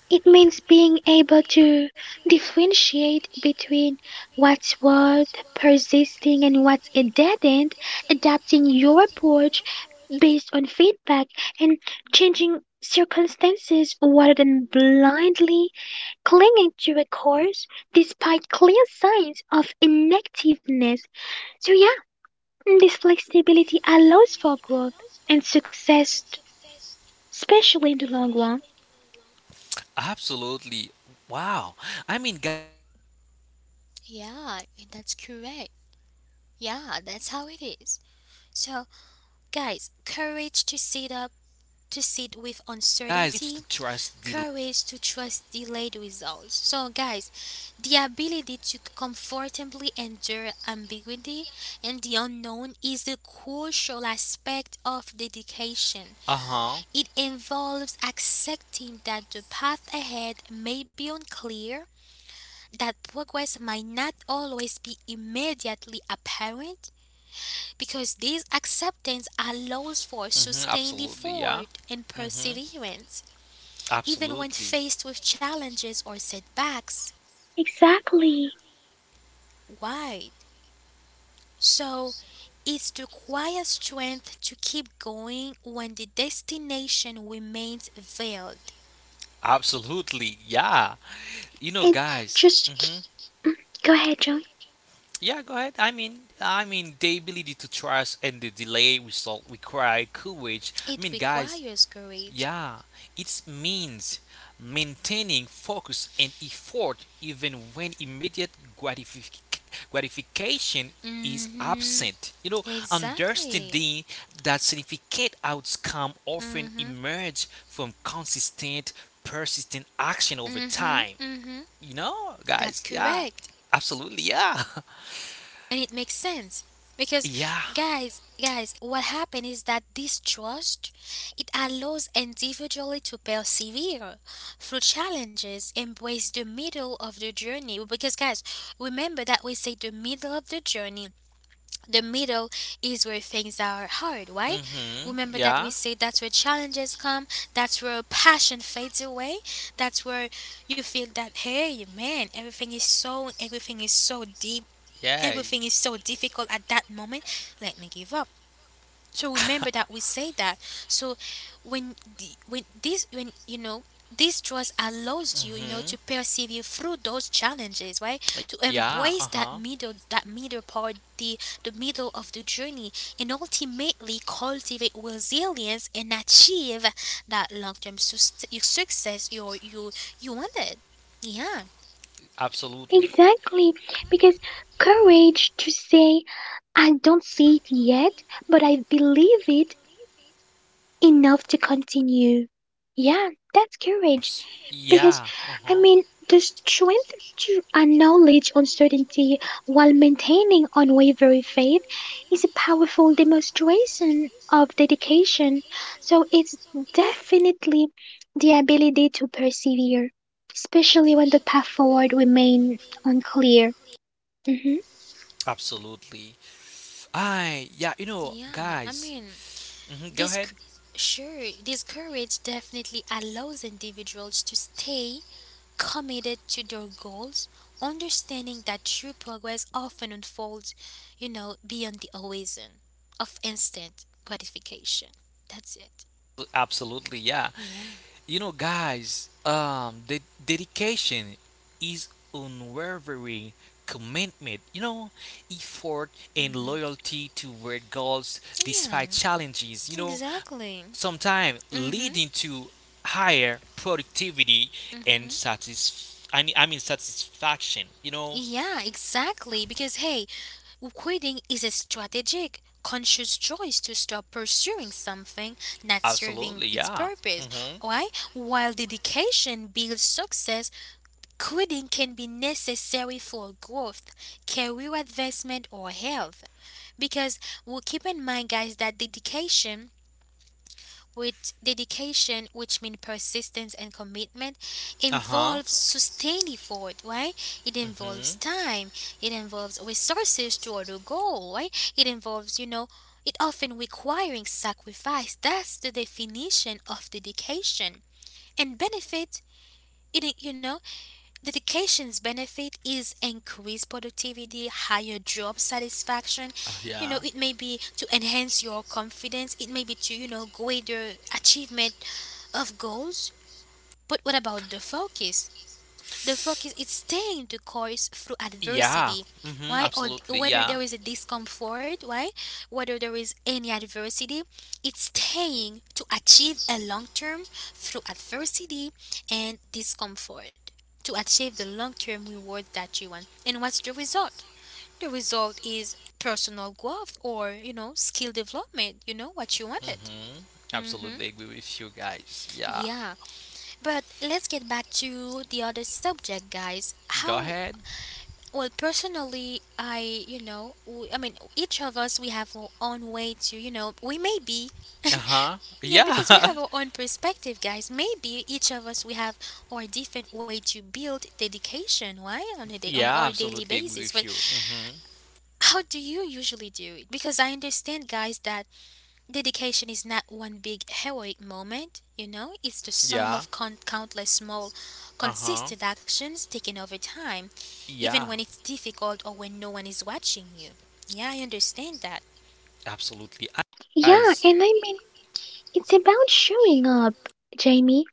it means being able to differentiate between what's worth persisting and what's a dead end, adapting your approach based on feedback and changing circumstances rather than blindly clinging to a course despite clear signs of inactiveness. So, yeah, this flexibility allows for growth and success, especially in the long run. Absolutely. Wow. I mean, guys, courage to sit with Yeah, that's uncertainty. I mean, correct. courage to Yeah, trust that's how it delayed is. result. So, You know, guys, guys. courage to sit up, to sit with uncertainty, courage to trust delayed results. So, guys, the ability to comfortably endure ambiguity and the unknown is a crucial aspect of Uh huh. dedication. It involves accepting that the path ahead may be unclear, that progress might not always be immediately apparent, because this acceptance allows for Mm-hmm. sustained Absolutely. Yeah. effort and Mm-hmm. perseverance even when Absolutely. faced with challenges or setbacks. Exactly. Why? So, it's the quiet strength to keep going when the destination remains veiled. Absolutely. Yeah. You know, and guys. just k- Mm-hmm. go ahead, John. Yeah, go ahead. I mean, the ability to trust and the delay result require courage. I It mean, guys, requires courage. yeah, it means maintaining focus and effort even when immediate gratific- gratification is Mm-hmm. absent. You know, Exactly. understanding that significant outcome often Mm-hmm. emerge from consistent, persistent action over Mm-hmm. time. Mm-hmm. You know, That's guys, yeah, correct. absolutely, yeah, And it makes sense because yeah. guys, what happened is that this trust, it allows individually to persevere through challenges, embrace the middle of the journey. Because guys, remember that we say the middle of the journey, the middle, is where things are hard, right? Mm-hmm. Remember Yeah. that we say that's where challenges come, that's where passion fades away, that's where you feel that, hey man, everything is so deep, Yeah. everything is so difficult. At that moment, let me give up. So remember that we say that. So when this trust allows you, you know, Mm-hmm. to persevere through those challenges, right? To Yeah. Uh-huh. embrace that middle, that middle part, the middle of the journey, and ultimately cultivate resilience and achieve that success you you wanted. Yeah. Absolutely. Exactly, because courage to say, I don't see it yet, but I believe it enough to continue. Yeah, that's courage. Yeah, Because, uh-huh. I mean, the strength to acknowledge uncertainty while maintaining unwavering faith is a powerful demonstration of dedication. So, it's definitely the ability to persevere, especially when the path forward remains unclear. Hmm Absolutely. Yeah, you know, yeah i guys, mean hmm, go This ahead. c- sure, this courage definitely allows individuals to stay committed to their goals, understanding that true progress often unfolds, you know, beyond the horizon of instant gratification. That's it. Absolutely, yeah. Yeah. You know, guys, the dedication is unwavering commitment, you know, effort and loyalty toward goals Yeah. despite challenges, you know, Exactly. sometimes Mhm. leading to higher productivity and Mhm. I, mean satisfaction, you know. Yeah, exactly, because hey, quitting is a strategic, conscious choice to stop pursuing something not serving Absolutely, its yeah. purpose. Mm-hmm. Why? While dedication builds success, quitting can be necessary for growth, career advancement, or health. Because we will keep in mind, guys, that dedication with dedication, which means persistence and commitment, Uh-huh. involves sustained effort, right? It involves Mm-hmm. time, it involves resources toward a goal, right? It involves, you know, it often requiring sacrifice. That's the definition of dedication. And benefit, it, you know, dedication's benefit is increased productivity, higher job satisfaction. You know, Yeah. it may be to enhance your confidence, it may be to, you know, greater achievement of goals. But what about the focus? The focus is staying the course through Yeah. adversity. Hmm. Why? Or Absolutely. whether Yeah. there is a discomfort, why? Whether there is any adversity, it's staying to achieve a long term through adversity and discomfort. To achieve the long term reward that you want. And what's the result? The result is personal growth or, you know, skill development, you know, what you wanted. Hmm. Mm-hmm. Absolutely agree with you guys. Yeah. Yeah, but let's get back to the other subject, guys. Go How, ahead. well, personally, I, you know, w I mean, each of us, we have our own way to, you know, we may be, Uh huh. yeah, because we Yeah. have our own perspective, guys. Maybe each of us, we have our different way to build dedication, right? On a day, on yeah. our daily Absolutely agree basis. with But you. Hmm. how do you usually do it? Because I understand, guys, that dedication is not one big heroic moment, you know, it's the sum Yeah. of countless small, Uh huh. consistent actions taken over time, even Yeah. when it's difficult or when no one is watching you. Yeah, I understand that. Absolutely. Yeah, Guys. and I mean, it's about showing up, Jamie,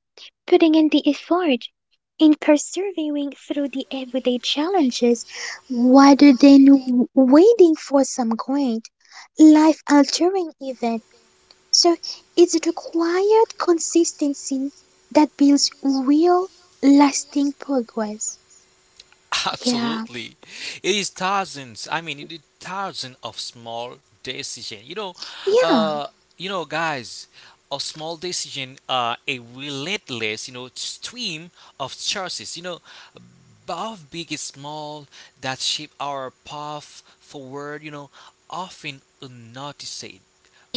putting in the effort, in persevering through the everyday challenges rather than waiting for some great life altering event. So it's the quiet consistency that builds real lasting progress. Yeah, Absolutely. It is thousands. I mean, it is thousands of small decision. Yeah, uh, you know, guys, a small decision are a relentless, you know, stream of choices. You know, both big and small that shape our path forward. You know, often unnoticed,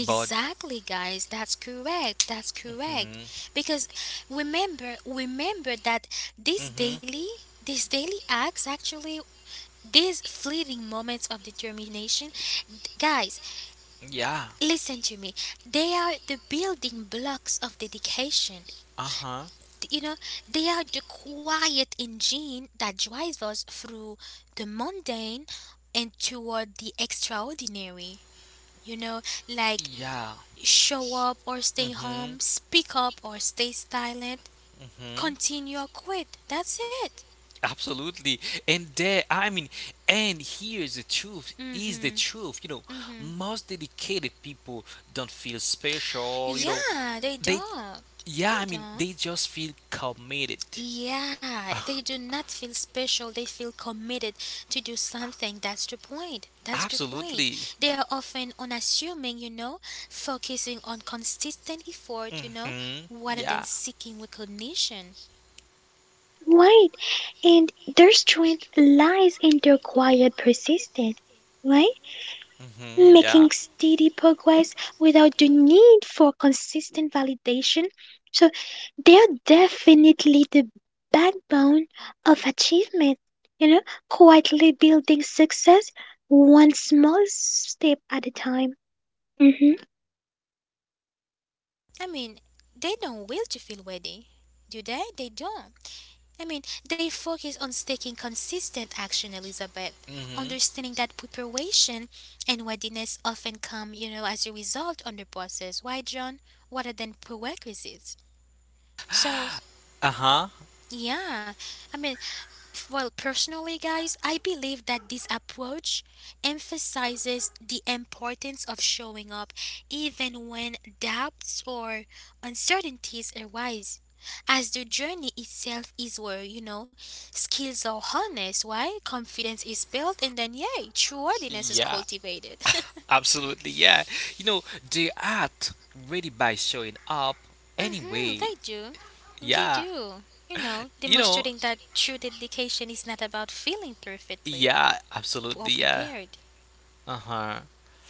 but guys. That's correct. That's correct. mm, Because remember that these mm-hmm, daily, these daily acts, actually these fleeting moments of determination, guys, yeah, listen to me. They are the building blocks of dedication. uh huh, You know, they are the quiet engine that drives us through the mundane and toward the extraordinary. You know, like yeah, show up or stay mm-hmm, home, speak up or stay silent, mm-hmm. continue or quit. That's it. Absolutely. And I mean, and here's the truth Mm is the hmm. truth. You know, Mm hmm. most dedicated people don't feel special. You know, Yeah, they they, don't. yeah, They I mean, don't. they just feel committed. Yeah, they do not feel special. They feel committed to do something. That's the point. That's the point. Absolutely. They are often unassuming, you know, focusing on consistent effort, you know, Hmm. rather than Yeah. seeking recognition. right. And their strength lies in their quiet persistence, right? Hmm. Making Yeah. steady progress without the need for consistent validation. So they're definitely the backbone of achievement, you know, quietly building success one small step at a time. Hmm I mean, they don't will to feel worthy, do they? They don't. I mean, they focus on taking consistent action, Elizabeth, Hmm. understanding that preparation and readiness often come, you know, as a result on the process. Why, John? What are than prerequisites. So, Uh huh. yeah, I mean, well, personally, guys, I believe that this approach emphasizes the importance of showing up even when doubts or uncertainties arise. As the journey itself is where, you know, skills are harnessed, why? Confidence is built, and then, yay, trustworthiness is Yeah. cultivated. Absolutely. Yeah. You know, they act ready by showing up Mm-hmm, anyway. they do. They Yeah. do. You know, You know, demonstrating that true dedication is not about feeling perfectly yeah, or absolutely, yeah. prepared. Uh-huh.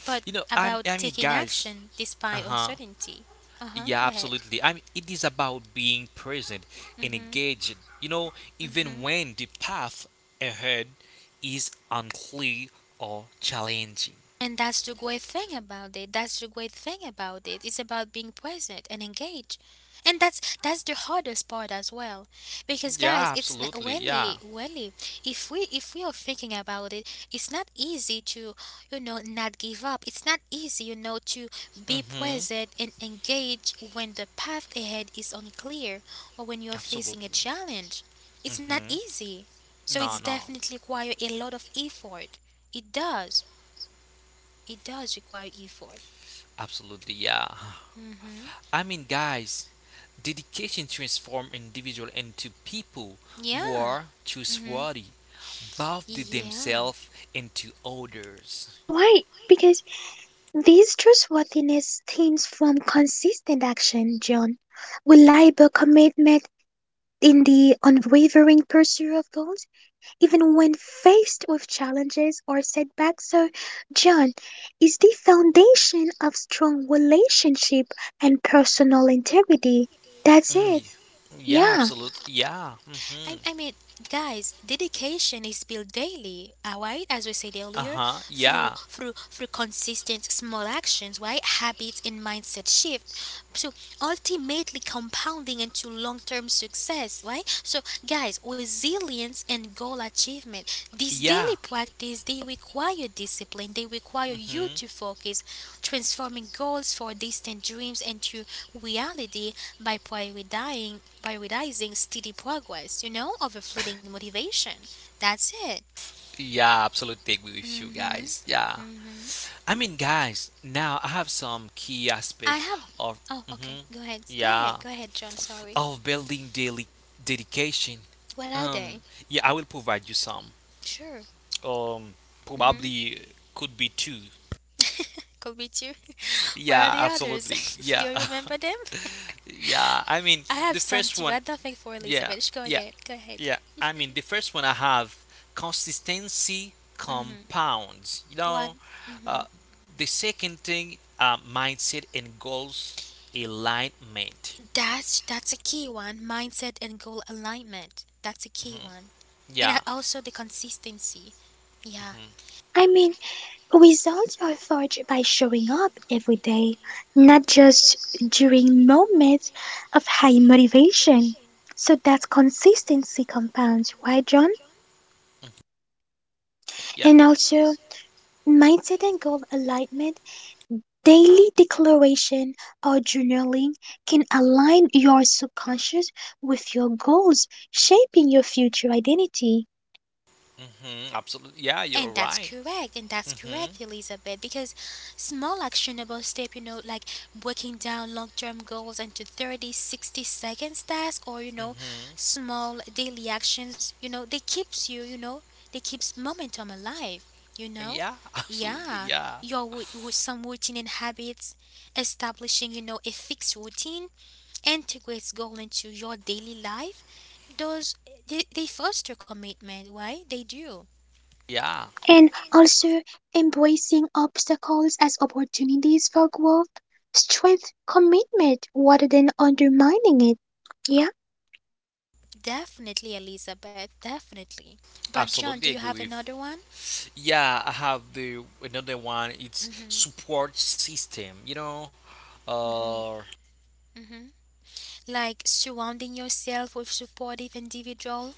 But You know, I'm about I mean taking guys, action despite uh-huh. uncertainty. Uh huh. Yeah, Go ahead. absolutely. I mean it is about being present and engaged, you know, Mm hmm. even when the path ahead is unclear or challenging. And that's the great thing about it. That's the great thing about it. It's about being present and engaged. And that's the hardest part as well. Because guys, Yeah, it's not, absolutely, yeah. really if we are thinking about it, it's not easy to, you know, not give up. It's not easy, you know, to be Mm-hmm. present and engage when the path ahead is unclear or when you're facing Absolutely. a challenge. It's not Mm-hmm. easy. So it's No, no. definitely require a lot of effort. It does. It does require effort. Absolutely, yeah. Hmm. I mean guys, dedication transforms individuals into people who Yeah. are Hmm. trustworthy, both to Yeah. themselves and to others. Why? Because this trustworthiness stems from consistent action, John, reliable commitment in the unwavering pursuit of goals even when faced with challenges or setbacks. So, John, is the foundation of strong relationship and personal integrity. That's Mm, it. Yeah, Yeah, absolutely. Yeah. Hmm. I, I mean, guys, dedication is built daily, alright? As we said Uh earlier, huh. through Yeah. through through consistent small actions, right? Habits and mindset shift, so ultimately compounding into long-term success, right? So, guys, resilience and goal achievement. These Yeah. daily practice they require discipline. They require you Hmm. to focus, transforming goals for distant dreams into reality by prioritizing steady progress, you know, over fleeting motivation. That's it. Yeah, absolutely agree with you Mm-hmm. guys. Yeah. Mm-hmm. I mean, guys, now I have some key I aspect have. of. Oh, okay. Hmm. Go ahead. Go Yeah. ahead. Go ahead, John. Sorry. Of building daily dedication. What are they? Um. Yeah, I will provide you some. Sure. um, Mm-hmm. probably could be two. Could be two. Where are Yeah, the others? absolutely. Do Yeah. you remember them? yeah. I mean, I have the some first too. one, I don't think for yeah. Elizabeth. Just go Yeah. again. Go ahead. Yeah. I mean, the first one I have consistency Mm-hmm. compounds. You What? know, Mm-hmm. uh, the second thing, mindset and goals alignment. That's a key one. Mindset and goal alignment. That's a key one. And Yeah. also the consistency. Yeah. Mhm. I mean, results are forged by showing up every day, not just during moments of high motivation. So that consistency compounds, right, John? Yeah. And also, mindset and goal alignment. Daily declaration or journaling can align your subconscious with your goals, shaping your future identity, Hmm. Absolutely. Yeah, you're right. And that's Hmm. correct, Elizabeth, because small actionable step, you know, like breaking down long term goals into 30, 60 seconds task or, you know, Hmm. small daily actions, you know, they keeps you, you know, they keeps momentum alive, you know? Yeah, absolutely. Yeah, Yeah. your some routine and habits, establishing, you know, a fixed routine, integrates goal into your daily life, those, they foster commitment, right? They do. Yeah, and also embracing obstacles as opportunities for growth, strength, commitment rather than undermining it. Yeah, Definitely, Elizabeth, definitely. But, John, do absolutely you agree have with. another one? Yeah, I have the another one. It's support system. You know, uh, Like surrounding yourself with supportive individual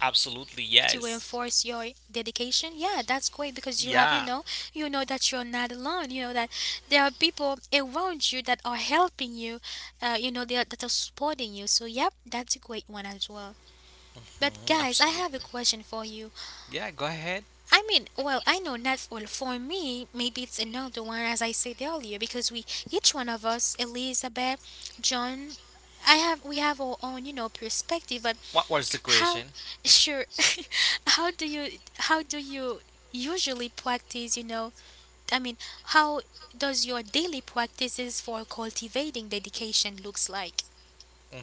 absolutely to yes. reinforce your dedication? Yeah, that's great because you have, Yeah, you know that you're not alone. You know that there are people around you that are helping you, you know, that are supporting you. So, yep, that's a great one as well. But, hmm, guys, I have a absolutely. question for you. Yeah, go ahead. I mean, well, I know not well for me. Maybe it's another one, as I said earlier, because we each one of us, Elizabeth, John, I have we have our own, you know, perspective. But What was the how, question? sure, how do you usually practice? You know, I mean, how does your daily practices for cultivating dedication looks like? Hmm.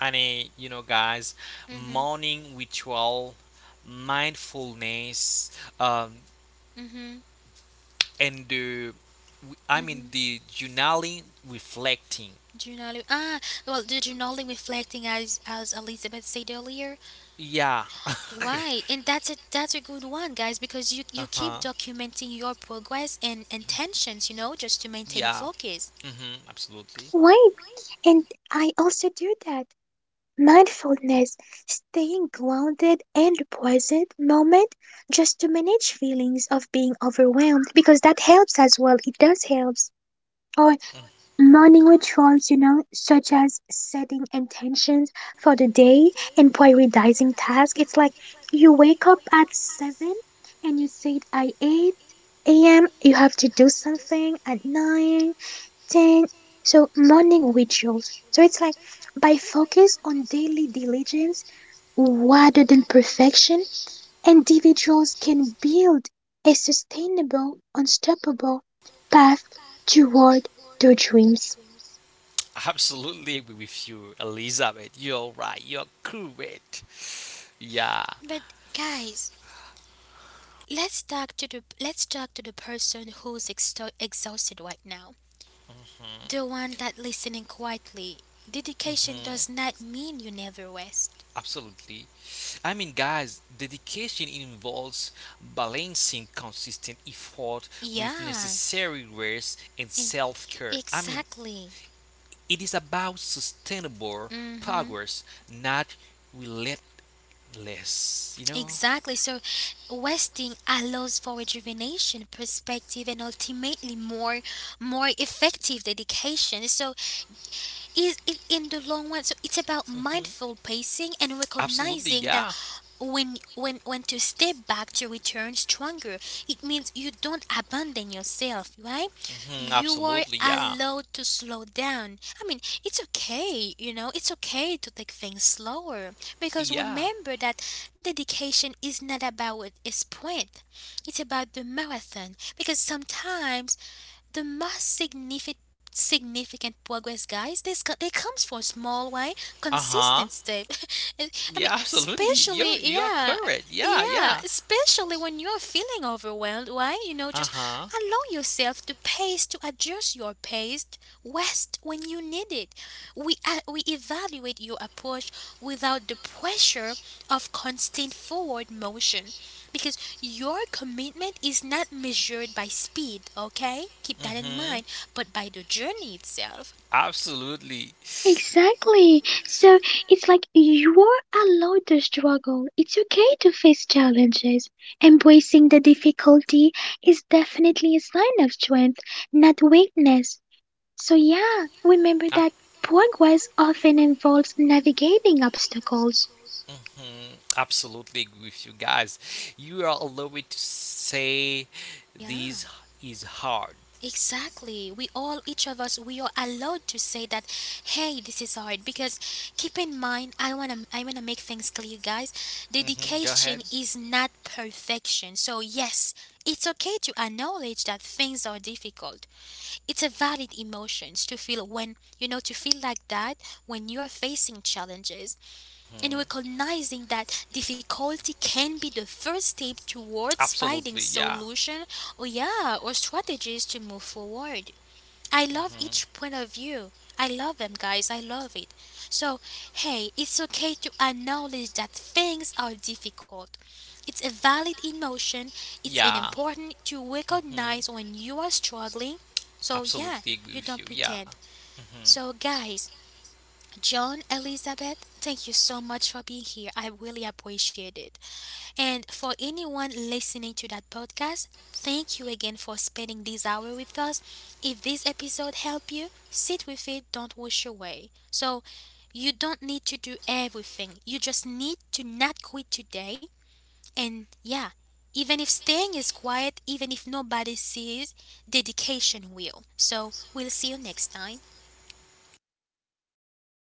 And you know, guys, Mhm. morning ritual, mindfulness, um, Mhm. and I mean, Mhm. the journaling, reflecting. Journaling. Ah, well, the journaling reflecting as Elizabeth said earlier, Yeah. uh why? And that's a good one, guys, because you keep huh. documenting your progress and intentions, you know, just to maintain Yeah. focus. Hmm. Absolutely. right. And I also do that. Mindfulness, staying grounded in the present moment just to manage feelings of being overwhelmed because that helps as well. It does helps. Or morning rituals, you know, such as setting intentions for the day and prioritizing tasks. It's like you wake up at 7 and you say, I 8 a.m., you have to do something at 9 then, so morning rituals. So it's like by focus on daily diligence rather than perfection, individuals can build a sustainable, unstoppable path toward their dreams. Absolutely agree with you, Elizabeth. You're right. You're correct. Yeah. But guys, let's talk to the person who's exto exhausted right now. Mhm. The one that listening quietly. Dedication Mhm. does not mean you never rest. Absolutely. I mean, guys, dedication involves balancing consistent effort with Yeah, necessary rest and and self care. I mean, exactly. it is about sustainable Mhm. progress, not relentless, you know? Exactly. So, resting allows for rejuvenation, perspective, and ultimately more effective dedication. So, it in the long run, so it's about Mhm. mindful pacing and Absolutely, recognizing that yeah. When to step back to return stronger. It means you don't abandon yourself, right? Mhm, You are absolutely. Yeah. allowed to slow down. I mean, it's okay, you know, it's okay to take things slower, because Yeah. remember that dedication is not about a sprint, it's about the marathon, because sometimes the most significant progress, guys, they comes from small way, Uh huh. consistent step. And, I Yeah. mean Absolutely. Especially You are yeah correct. Yeah. yeah, Yeah. especially when you're feeling overwhelmed, why, you know, Uh just huh. allow yourself the pace to adjust your pace, west when you need it, we evaluate your approach without the pressure of constant forward motion, because your commitment is not measured by speed, okay? Keep that in Mhm. mind, but by the journey itself. Absolutely. Exactly. So it's like you are allowed to struggle. It's okay to face challenges. Embracing the difficulty is definitely a sign of strength, not weakness. So yeah, remember Uh, that progress often involves navigating obstacles. mhm, absolutely agree with you guys. You are allowed to say Yeah, this is hard. exactly. We all, each of us, we are allowed to say that, hey, this is hard. Because keep in mind, I wanna make things clear, guys. Hmm. Dedication is not perfection. So yes, it's okay to acknowledge that things are difficult. It's a valid emotions to feel when you know to feel like that when you are facing challenges. And Mhm. recognizing that difficulty can be the first step towards finding Absolutely, yeah. solution, or yeah, or strategies to move forward. I love Mhm. each point of view. I love them guys. I love it. So, hey, it's okay to acknowledge that things are difficult. It's a valid emotion. It's an Yeah. important to Mhm. recognize when you are struggling. So, yeah, Absolutely agree you with don't you. Yeah. pretend. Mhm. So, guys, John, Elizabeth, thank you so much for being here. I really appreciate it. And for anyone listening to that podcast, thank you again for spending this hour with us. If this episode helped you, sit with it, don't wash away. So, you don't need to do everything. You just need to not quit today. And yeah, even if staying is quiet, even if nobody sees, dedication will. So, we'll see you next time.